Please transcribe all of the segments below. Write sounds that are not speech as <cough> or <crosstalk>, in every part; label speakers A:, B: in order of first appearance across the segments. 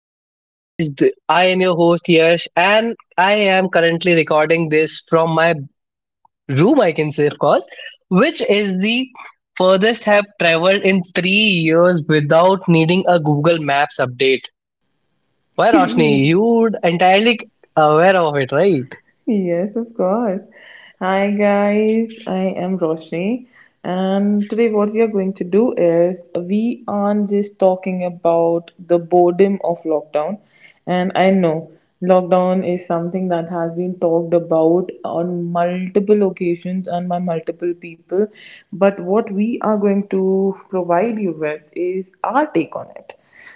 A: Limbo, guys. I am your host Yash, and I am currently recording this from my room, I can say, of course, which is the furthest I have traveled in 3 years without needing a Google Maps update. Why, Roshni, you
B: <laughs>
A: would entirely aware of it, right?
B: Yes, of course. Hi guys, I am Roshni, and today what we are going to do is we aren't just talking about the boredom of lockdown. And I know lockdown is something that has been talked about on multiple occasions and by multiple people, but what we are going to provide you with is our take on it.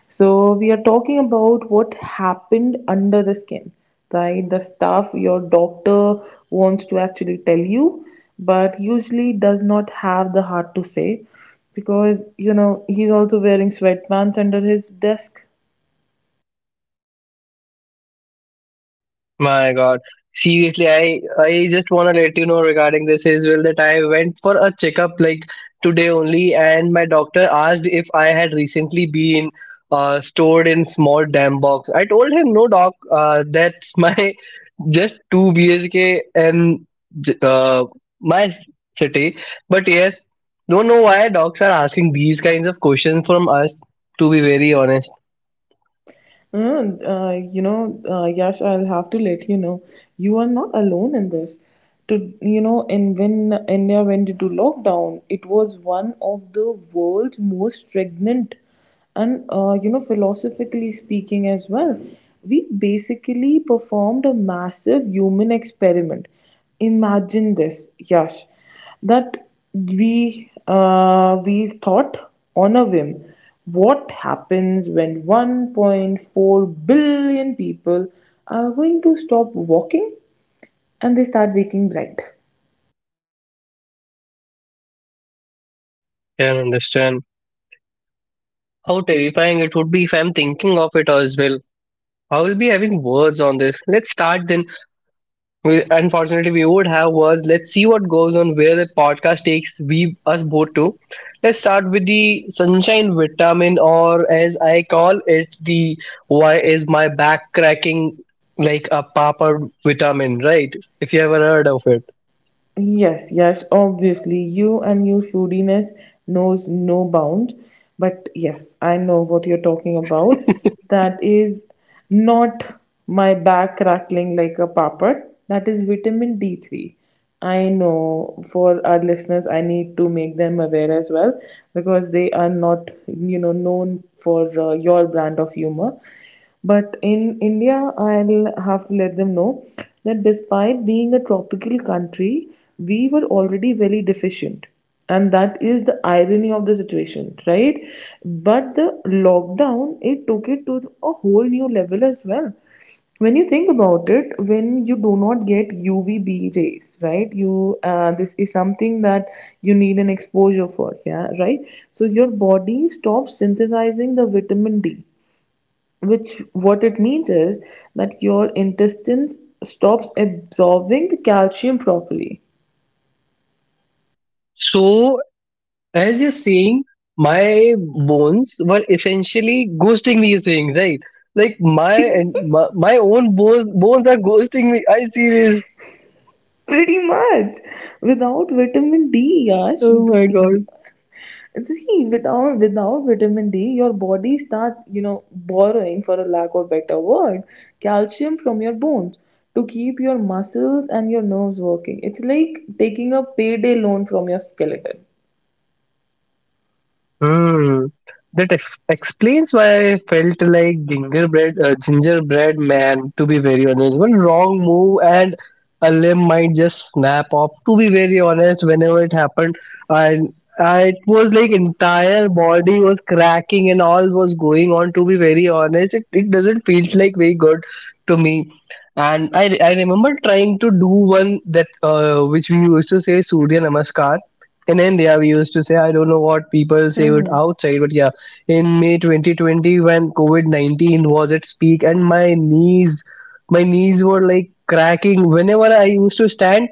B: So, we are talking about what happened under the skin, right? The stuff your doctor wants to actually tell you, but usually does not have the heart to say because, he's also wearing sweatpants under his desk.
A: My God. Seriously, I just wanna let you know regarding this as well that I went for a checkup like today only, and my doctor asked if I had recently been stored in small damn box. I told him no, doc. That's my <laughs> just two BSK and j- uh, my city. But yes, don't know why docs are asking these kinds of questions from us. To be very honest,
B: Mm, Yash, I'll have to let you know, you are not alone in this. And when India went into lockdown, it was one of the world's most stagnant, and philosophically speaking as well, we basically performed a massive human experiment. Imagine this, Yash, that we thought on a whim what happens when 1.4 billion people are going to stop walking and they start waking bright.
A: can understand how terrifying it would be if I'm thinking of it as well. I will be having words on this. Let's start then. We, unfortunately, we would have words. Let's see what goes on where the podcast takes we us both to. Let's start with the sunshine vitamin, or as I call it, the why is my back cracking like a papa vitamin, right? If you ever heard of it.
B: Yes, yes, obviously. You and your foodiness knows no bound. But yes, I know what you're talking about. That is not my back crackling like a papad. That is vitamin D3. I know, for our listeners, I need to make them aware as well because they are not, known for your brand of humor. But in India, I'll have to let them know that despite being a tropical country, we were already very deficient. And that is the irony of the situation, right? But the lockdown, it took it to a whole new level as well. When you think about it, when you do not get UVB rays, right? You This is something that you need an exposure for, yeah, right? So your body stops synthesizing the vitamin D, which what it means is that your intestines stops absorbing the calcium properly.
A: So, as you're saying, my bones were essentially ghosting me, you're saying, right? Like my and my, my own bones are ghosting me. I see.
B: <laughs> Pretty much without vitamin D, Yash.
A: Oh my
B: y-
A: god.
B: See, without vitamin D, your body starts, borrowing, for a lack of better word, calcium from your bones to keep your muscles and your nerves working. It's like taking a payday loan from your skeleton.
A: Hmm. That explains why I felt like gingerbread, gingerbread man. To be very honest, one wrong move and a limb might just snap off. To be very honest, whenever it happened, and I, it was like entire body was cracking and all was going on. To be very honest, it doesn't feel like very good to me. And I remember trying to do one that which we used to say Surya Namaskar in India, we used to say, I don't know what people say it
B: Hmm.
A: outside, but yeah, in May 2020, when COVID 19 was its peak, and my knees were like cracking. Whenever I used to stand,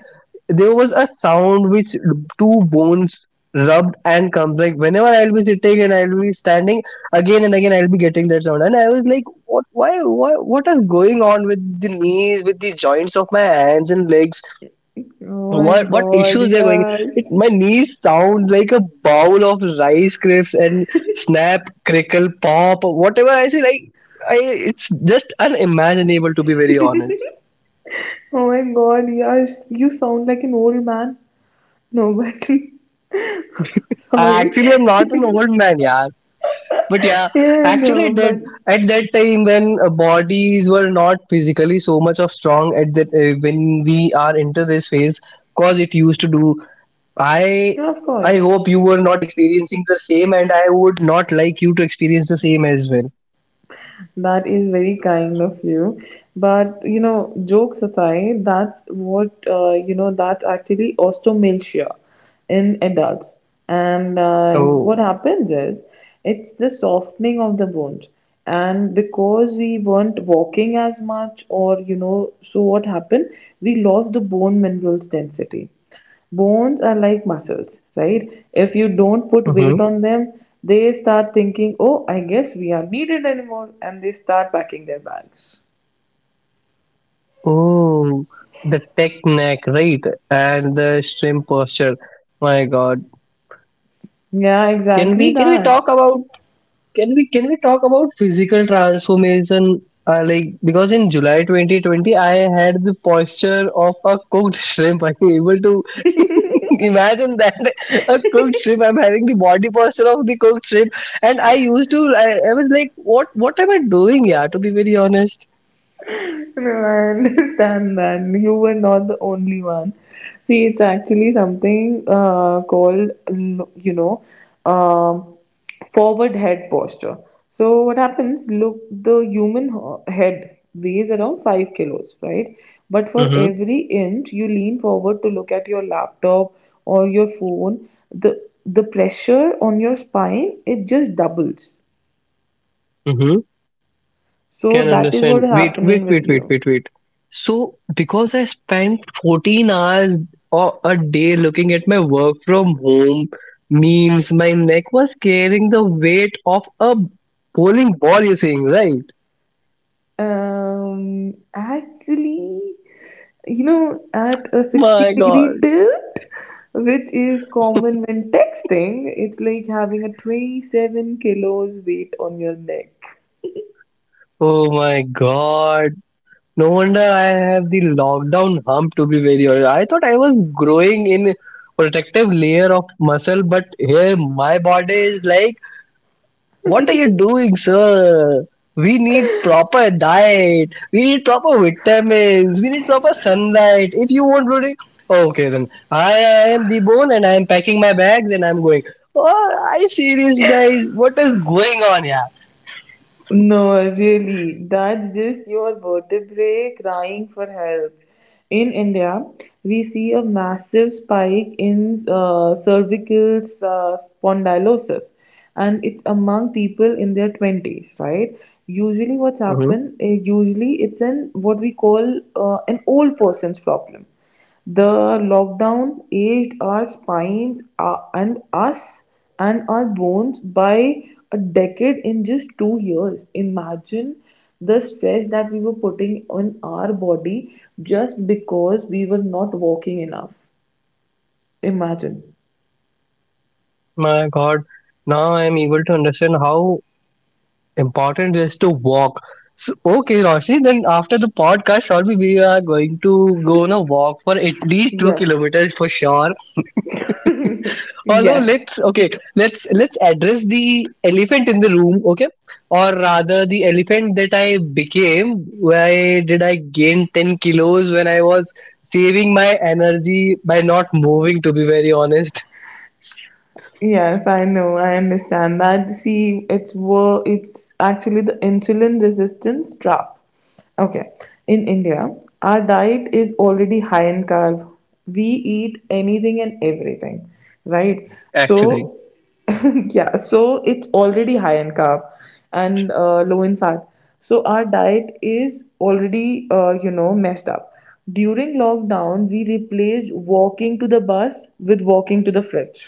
A: there was a sound which two bones rubbed and comes like whenever I'll be sitting and I'll be standing again and again I'll be getting that sound and I was like what why Why? What is going on with the knees with the joints of my hands and legs
B: Oh my
A: what
B: god,
A: issues they're going it,
B: yes.
A: my knees sound like a bowl of rice crisps and snap crackle pop or whatever I say like I it's just unimaginable to be very
B: <laughs>
A: honest.
B: Oh my god, yeah, you sound like an old man. No, but <laughs>
A: I
B: sorry.
A: actually am not an
B: <laughs>
A: old man, yeah, but yeah
B: Yeah,
A: actually it
B: no,
A: did
B: but
A: at that time when bodies were not physically so much of strong at that when we are into this phase cause it used to do I.
B: yeah, of
A: I
B: course.
A: hope you were not experiencing the same, and I would not like you to experience the same as well.
B: That is very kind of you. But, jokes aside, that's what, you know, that's actually osteomalacia in adults. And
A: Oh,
B: what happens is, it's the softening of the wound. And because we weren't walking as much, or, so what happened? We lost the bone minerals density. Bones are like muscles, right? If you don't put weight
A: hmm,
B: on them, they start thinking, oh, I guess we are needed anymore, and they start packing their bags.
A: oh, the tech neck, right? And the shrimp posture. My God,
B: Yeah, exactly
A: can we
B: that.
A: talk about can we talk about physical transformation? Like because in July 2020, I had the posture of a cooked <laughs> shrimp. Are you able to imagine that? <laughs> A cooked shrimp. I'm having the body posture of the cooked shrimp, and I used to. I was like, what? What am I doing? Yeah, to be very honest.
B: No, I understand that. <laughs> You were not the only one. See, it's actually something called, you know, um forward head posture. So, what happens? Look, the human head weighs around 5 kilos, right? But for
A: Mm-hmm.
B: every inch you lean forward to look at your laptop or your phone, the pressure on your spine, it just doubles.
A: Mm-hmm.
B: So,
A: Can
B: that is what
A: understand.
B: is
A: Wait, wait,
B: happening with
A: wait, wait,
B: you.
A: wait, wait. So because I spent 14 hours or a day looking at my work from home memes, my neck was carrying the weight of a bowling ball, you're saying, right?
B: Actually, at a 60
A: My
B: degree
A: God.
B: tilt, which is common when texting, it's like having a 27 kilos weight on your neck.
A: Oh my god. No wonder I have the lockdown hump to be very honest. I thought I was growing in protective layer of muscle, but here my body is like, what are you doing, sir? We need proper diet. We need proper vitamins. We need proper sunlight. If you want really, okay then. I am the bone and I am packing my bags and I'm going. Oh, I see this, guys. What is going on, yeah?
B: No, really, that's just your vertebrae crying for help. In India, we see a massive spike in cervical spondylosis, and it's among people in their 20s, right? Usually, usually it's an what we call an old person's problem. The lockdown aged our spines and us, and our bones by a decade in just 2 years. Imagine the stress that we were putting on our body just because we were not walking enough. Imagine.
A: My God, now I am able to understand how important it is to walk. So, okay, Roshni, then after the podcast, surely we are going to go on a walk for at least two
B: Yes.
A: kilometers for sure. Although
B: Yes.
A: let's address the elephant in the room, okay? Or rather, the elephant that I became. Why did I gain 10 kilos when I was saving my energy by not moving? To be very honest,
B: Yes, I know. I understand that. See, it's actually the insulin resistance trap. Okay. In India, our diet is already high in carb. We eat anything and everything, right? So,
A: actually.
B: <laughs> yeah, so it's already high in carb and low in fat. So our diet is already, messed up. During lockdown, we replaced walking to the bus with walking to the fridge.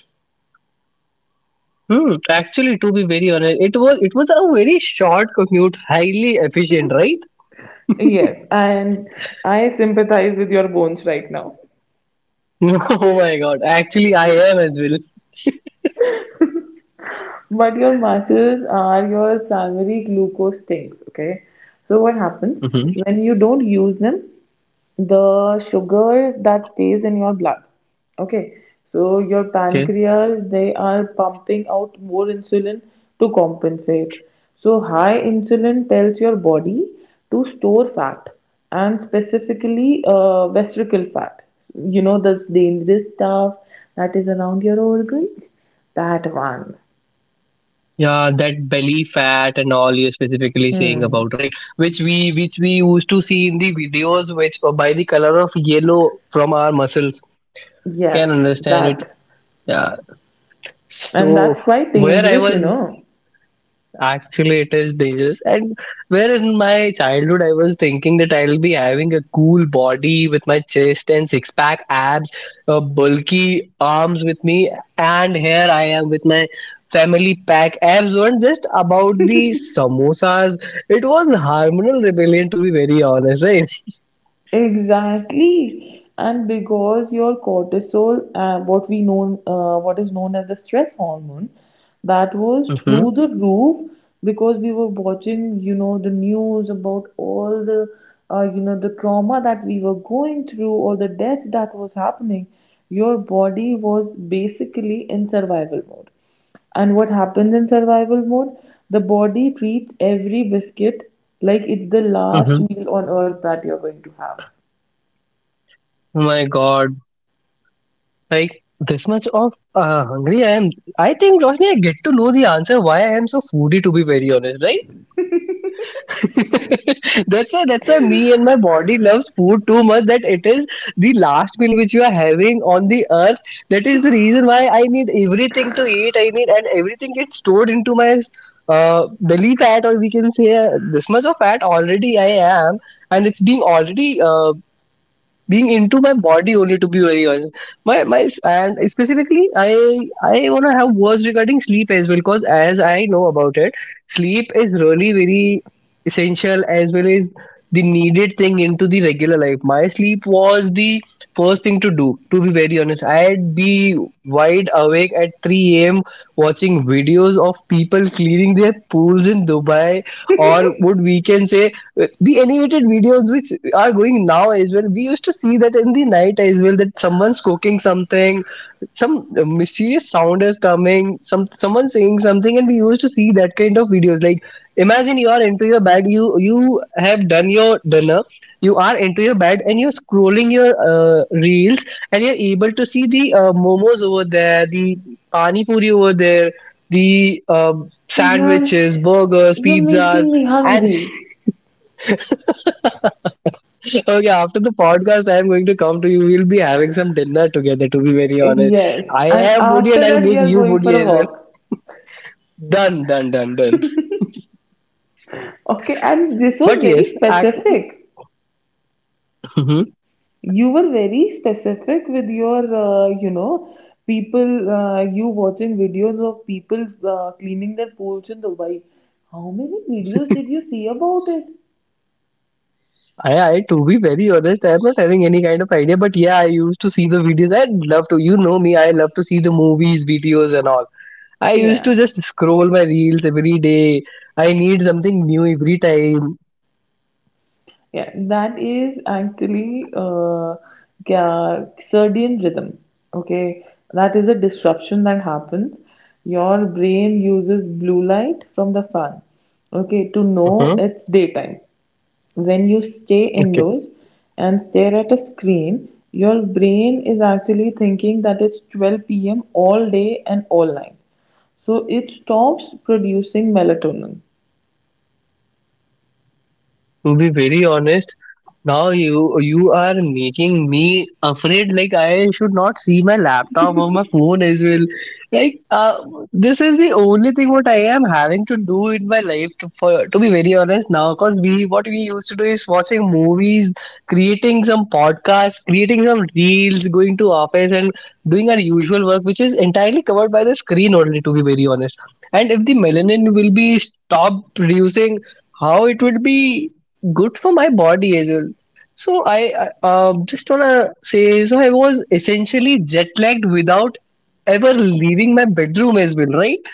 A: Hmm, actually, to be very honest, it was a very short commute, highly efficient, right?
B: Yes, and I sympathize with your bones right now.
A: <laughs> Oh my god, actually, I am as well.
B: But your muscles are your primary glucose tanks, okay? So what happens
A: Hmm.
B: when you don't use them? The sugars that stays in your blood. Okay, so your
A: Okay,
B: pancreas, they are pumping out more insulin to compensate. So high insulin tells your body to store fat, and specifically vesical fat, this dangerous stuff that is around your organs. That one.
A: yeah, that belly fat and all you're specifically saying about, right? Which we used to see in the videos, which by the color of yellow from our muscles can
B: Yes,
A: understand it.
B: that.
A: Yeah,
B: And
A: so
B: that's quite
A: where I
B: dangerous you
A: was
B: know
A: actually, it is dangerous. And where in my childhood, I was thinking that I'll be having a cool body with my chest and six pack abs, bulky arms with me, and here I am with my family pack abs. Weren't just about the samosas. It was hormonal rebellion, to be very honest, right?
B: Exactly. And because your cortisol, what is known as the stress hormone, that was
A: Mm-hmm.
B: through the roof, because we were watching, the news about all the trauma that we were going through, or the death that was happening. Your body was basically in survival mode. And what happens in survival mode? The body treats every biscuit like it's the last
A: Mm-hmm.
B: meal on earth that you're going to have.
A: Oh my God! Like this much of hungry I am. I think Roshni, I get to know the answer why I am so foodie. To be very honest, right? <laughs> That's why me and my body loves food too much that it is the last meal which you are having on the earth that is the reason why I need everything to eat I need and everything gets stored into my belly fat or we can say this much of fat already I am and it's being already being into my body only to be very honest. My my and specifically I want to have words regarding sleep as well because as I know about it sleep is really very essential as well as the needed thing into the regular life. My sleep was the first thing to do to be very honest. I'd be wide awake at 3 a.m. watching videos of people cleaning their pools in Dubai, or would we can say the animated videos which are going now as well, we used to see that in the night as well, that someone's cooking something, some mysterious sound is coming, someone saying something, and we used to see that kind of videos. Like imagine you are into your bed, you have done your dinner, you are into your bed and you're scrolling your reels and you're able to see the momos over there, the pani puri over there, the sandwiches,
B: Yes,
A: burgers,
B: you're
A: pizzas.
B: making me
A: And
B: hungry.
A: okay, after the podcast, I am going to come to you. We'll be having some dinner together, to be very honest.
B: Yes,
A: I
B: and
A: am foodie and
B: after
A: I'll
B: that, we
A: make
B: are
A: you
B: going for
A: foodie
B: a
A: as well.
B: walk.
A: Done, done, done, done.
B: Okay, and this was
A: But
B: very
A: yes, I,
B: specific.
A: mhm,
B: You were very specific with your, people, you watching videos of people cleaning their pools in Dubai. How many videos did you see about it?
A: to be very honest, I am not having any kind of idea. But yeah, I used to see the videos. I love to, you know me, I love to see the movies, videos, and all. I used to
B: Yeah.
A: just scroll my reels every day. I need something new every time.
B: Yeah, that is actually circadian rhythm. Okay, that is a disruption that happens. Your brain uses blue light from the sun, okay, to know
A: Mhm.
B: it's daytime. When you stay indoors and stare at a screen, your brain is actually thinking that it's 12 p.m. all day and all night. So it stops producing melatonin.
A: To be very honest, now you are making me afraid. Like I should not see my laptop or my phone as well. Like this is the only thing what I am having to do in my life. For to be very honest now, because we what we used to do is watching movies, creating some podcasts, creating some reels, going to office and doing our usual work, which is entirely covered by the screen only. To be very honest, and if the melanin will be stopped producing, how it would be good for my body as well. So I just wanna say, so I was essentially jet lagged without ever leaving my bedroom as well, right?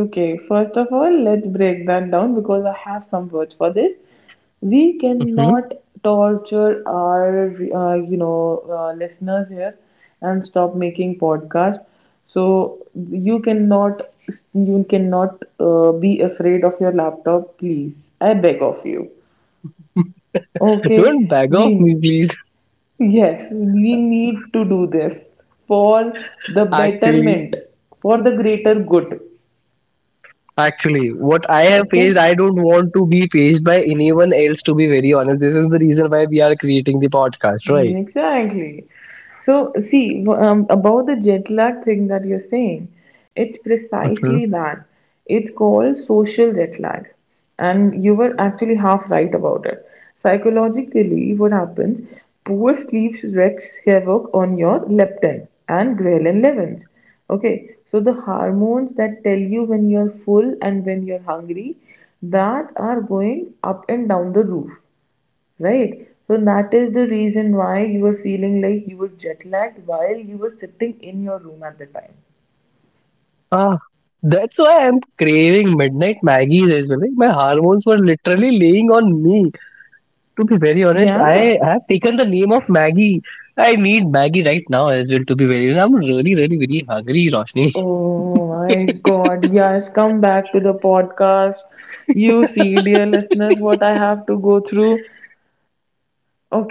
B: Okay, first of all, let's break that down because I have some words for this. We
A: Mhm.
B: cannot torture our, listeners here, and stop making podcast. So you cannot be afraid of your laptop, please. I beg of you.
A: Don't
B: Okay,
A: bag off
B: we,
A: me, please.
B: yes, we need to do this for the
A: Actually,
B: betterment, for the greater good.
A: actually, what I have faced,
B: Okay.
A: I don't want to be faced by anyone else. To be very honest, this is the reason why we are creating the podcast,
B: Mm,
A: right?
B: exactly. So, see, about the jet lag thing that you're saying, it's
A: Mhm.
B: precisely that. It's called social jet lag. And you were actually half right about it. Psychologically, what happens? Poor sleep wreaks havoc on your leptin and ghrelin levels. Okay, so the hormones that tell you when you're full and when you're hungry, that are going up and down the roof, right? So that is the reason why you were feeling like you were jet lagged while you were sitting in your room at the time.
A: Ah, that's why I'm craving midnight Maggie's as well. Like, my hormones were literally laying on me. To be very honest,
B: Yeah.
A: I have taken the name of Maggie. I need Maggie right now as well. To be very, honest, I'm really, really, really hungry, Roshni.
B: Oh my
A: <laughs>
B: God. Yes, come back to the podcast. You see, dear listeners, what I have to go through.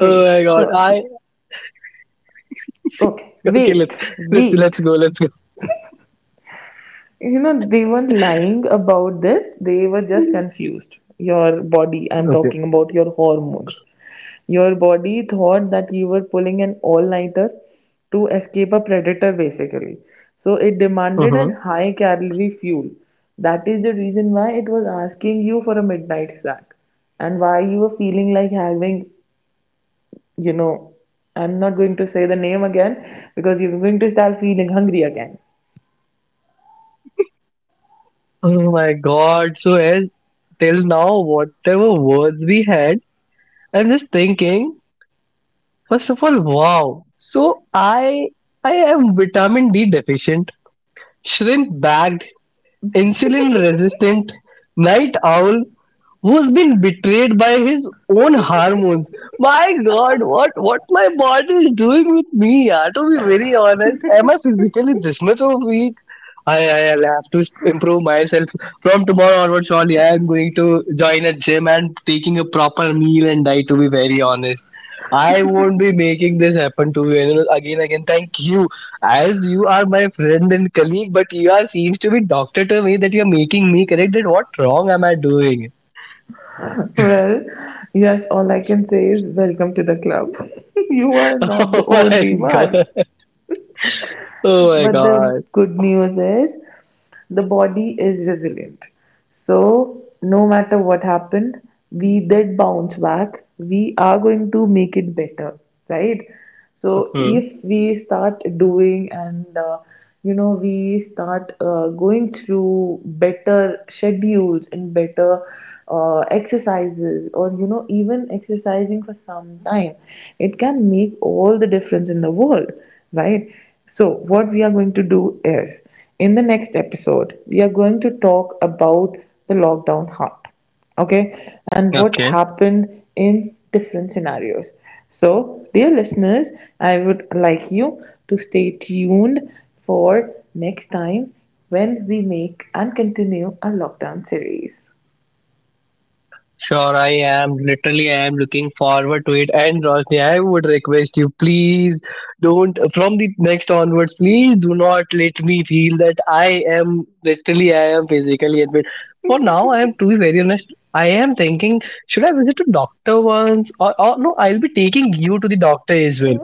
A: Oh my god!
B: so
A: I
B: see. Okay,
A: okay. Let's
B: wait,
A: let's let's
B: wait.
A: go. Let's go.
B: They weren't lying about this, they were just confused. Your body, I'm
A: Okay.
B: talking about your hormones. Your body thought that you were pulling an all nighter to escape a predator, basically. So it demanded
A: Mm-hmm.
B: a high calorie fuel. That is the reason why it was asking you for a midnight snack, and why you were feeling like having, you know, I'm not going to say the name again because you're going to start feeling hungry again.
A: Oh my god! So as till now, whatever words we had, I'm just thinking. First of all, wow. So I am vitamin D deficient, shrimp bagged, insulin resistant, night owl, who's been betrayed by his own hormones. My God, what my body is doing with me? Yeah, to be very honest, am I physically this much of weak? I will have to improve myself from tomorrow onwards. Surely, I am going to join a gym and taking a proper meal and diet. To be very honest. I won't be making this happen to you. And again, again, thank you, as you are my friend and colleague, but you are seems to be doctor to me that you are making me correct. That what wrong am I doing?
B: Well, yes, all I can say is welcome to the club. <laughs> You are
A: <laughs>
B: not the
A: Oh my
B: only one.
A: god. Oh my
B: But the
A: god.
B: good news is the body is resilient. So, no matter what happened, we did bounce back. We are going to make it better, right? So,
A: Hmm.
B: if we start doing and we start going through better schedules and better exercises, or, even exercising for some time, it can make all the difference in the world, right? So, what we are going to do is, in the next episode, we are going to talk about the lockdown heart, okay, and what
A: Okay.
B: happened in different scenarios. So, dear listeners, I would like you to stay tuned for next time, when we make and continue a lockdown series.
A: Sure, I am. Literally, I am looking forward to it. And Roshni, I would request you, please don't, from the next onwards, please do not let me feel that I am, literally, I am physically unfit. For now, I am, to be very honest, I am thinking, should I visit a doctor once? Or no, I'll be taking you to the doctor as well.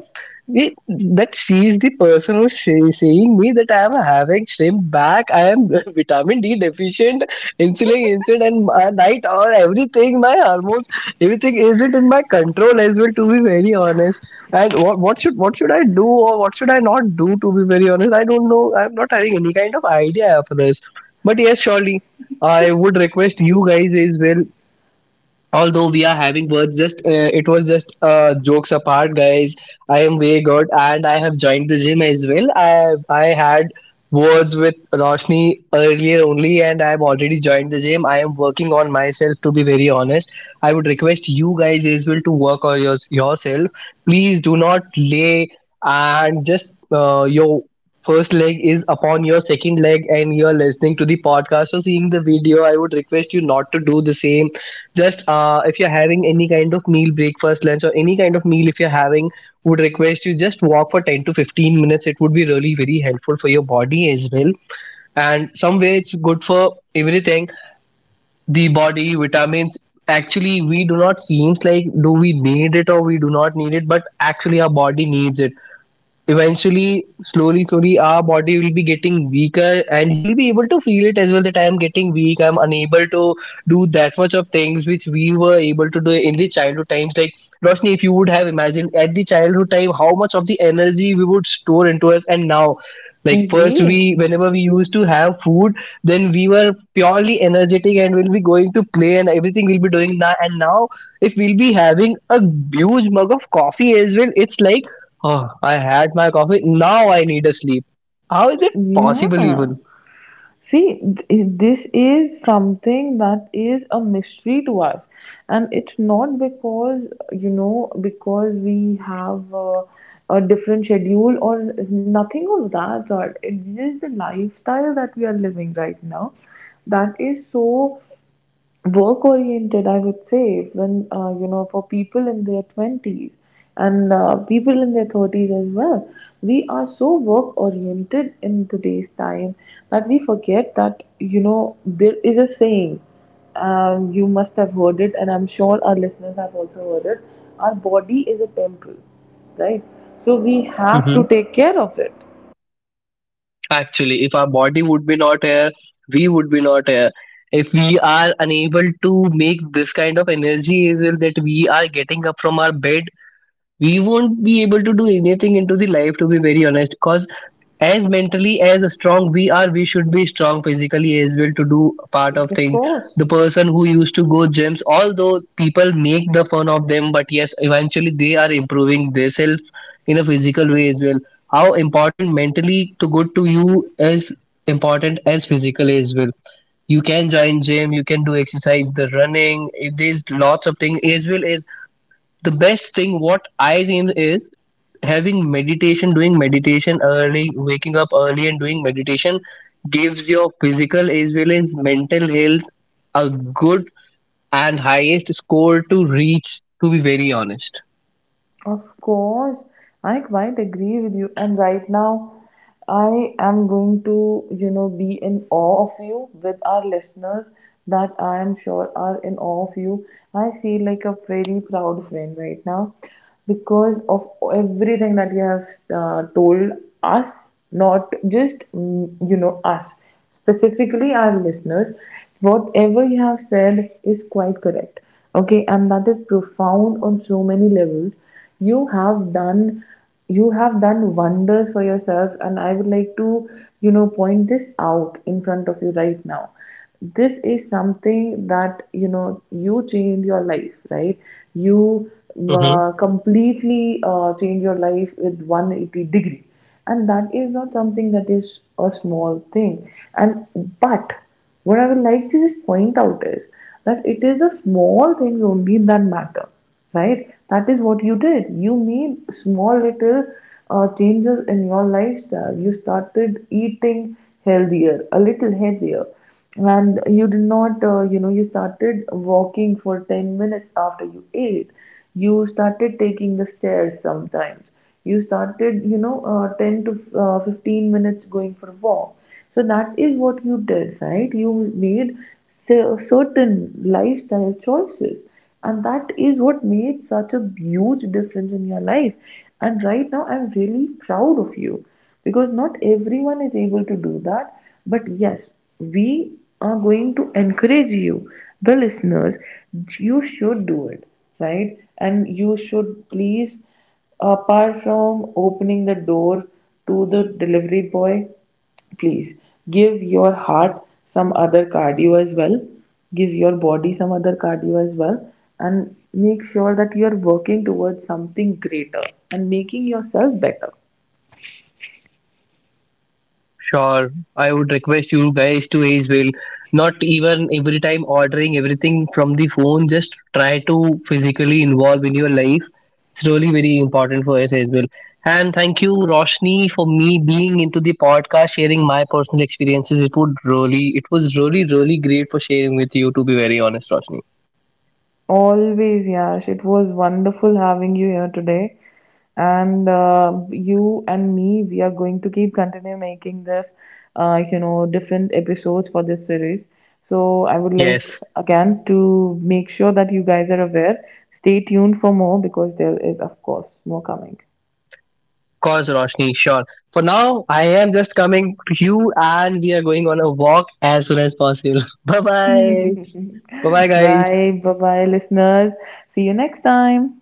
A: It, that she is the person who's saying me that I am having shrimp back. I am <laughs> vitamin D deficient, insulin, and my night or everything. My hormones, everything isn't in my control as well. To be very honest, and what should I do or what should I not do? To be very honest, I don't know. I'm not having any kind of idea of this. But yes, surely. I would request you guys as well, although we are having words, just it was just jokes apart, guys. I am way good and I have joined the gym as well. I had words with Roshni earlier only and I have already joined the gym. I am working on myself, to be very honest. I would request you guys as well to work on yourself. Please do not lay and just your first leg is upon your second leg and you are listening to the podcast or seeing the video. I would request you not to do the same. Just if you're having any kind of meal, breakfast, lunch, or any kind of meal, if you're having, would request you just walk for 10 to 15 minutes. It would be really very helpful for your body as well, and somewhere it's good for everything, the body vitamins. Actually, we do not seems like do we need it or we do not need it, but actually our body needs it. Eventually, slowly slowly our body will be getting weaker and you'll be able to feel it as well, that I am getting weak, I'm unable to do that much of things which we were able to do in the childhood times. Like Roshni, if you would have imagined at the childhood time how much of the energy we would store into us, and now, like first,
B: Agree.
A: we whenever we used to have food, then we were purely energetic and we'll be going to play and everything we'll be doing. Now and now, if we'll be having a huge mug of coffee as well, it's like, oh, I had my coffee. Now I need a sleep. How is it possible
B: Yeah.
A: even?
B: See, this is something that is a mystery to us, and it's not because you know because we have a different schedule, or nothing of that sort. It's just the lifestyle that we are living right now, that is so work oriented, I would say, when for people in their 20s, and people in their 30s as well, we are so work oriented in today's time, that we forget that, there is a saying, you must have heard it, and I'm sure our listeners have also heard it. Our body is a temple, right? So we have
A: Hmm.
B: to take care of it.
A: Actually, if our body would be not here, we would be not here. If we are unable to make this kind of energy as well that we are getting up from our bed, we won't be able to do anything into the life, to be very honest. Cause as mentally as strong we are, we should be strong physically as well to do part
B: Yes,
A: of
B: of
A: things.
B: course.
A: The person who used to go gyms, although people make the fun of them, but yes, eventually they are improving themselves in a physical way as well. How important mentally to good to you is important as physical as well. You can join gym, you can do exercise, the running, there's lots of things as well. As the best thing what I think is having meditation, doing meditation early, waking up early and doing meditation gives your physical as well as mental health a good and highest score to reach, to be very honest.
B: Of course, I quite agree with you. And right now, I am going to, be in awe of you with our listeners, that I am sure are in awe of you. I feel like a very proud friend right now because of everything that you have told us, not just, us, specifically our listeners. Whatever you have said is quite correct. Okay, and that is profound on so many levels. You have done you have done wonders for yourself, and I would like to, point this out in front of you right now. This is something that, you change your life, right? You completely change your life with 180 degree, and that is not something that is a small thing. And but what I would like to just point out is that it is the small things only that matter, right? That is what you did. You made small little changes in your lifestyle. You started eating healthier, a little healthier, and you did not, you started walking for 10 minutes after you ate. You started taking the stairs sometimes. You started, 10 to 15 minutes going for a walk. So that is what you did, right, you made certain lifestyle choices, and that is what made such a huge difference in your life. And right now, I'm really proud of you, because not everyone is able to do that. But yes, we are going to encourage you, the listeners, you should do it, right? And you should, please, apart from opening the door to the delivery boy, please give your heart some other cardio as well. Give your body some other cardio as well. And make sure that you are working towards something greater, and making yourself better.
A: Sure, I would request you guys to as well. Not even every time ordering everything from the phone, just try to physically involve in your life. It's really very important for us as well. And thank you, Roshni, for me being into the podcast, sharing my personal experiences. It would really, it was really, really great for sharing with you. To be very honest, Roshni.
B: Always, Yash. It was wonderful having you here today. And you and me, we are going to keep continue making this, different episodes for this series. So I would like
A: Yes,
B: again to make sure that you guys are aware. Stay tuned for more because there is, of course, more coming.
A: of course, Roshni, sure. For now, I am just coming to you and we are going on a walk as soon as possible. <laughs> Bye bye. Bye bye,
B: <laughs>
A: guys.
B: Bye, bye, bye, listeners. See you next time.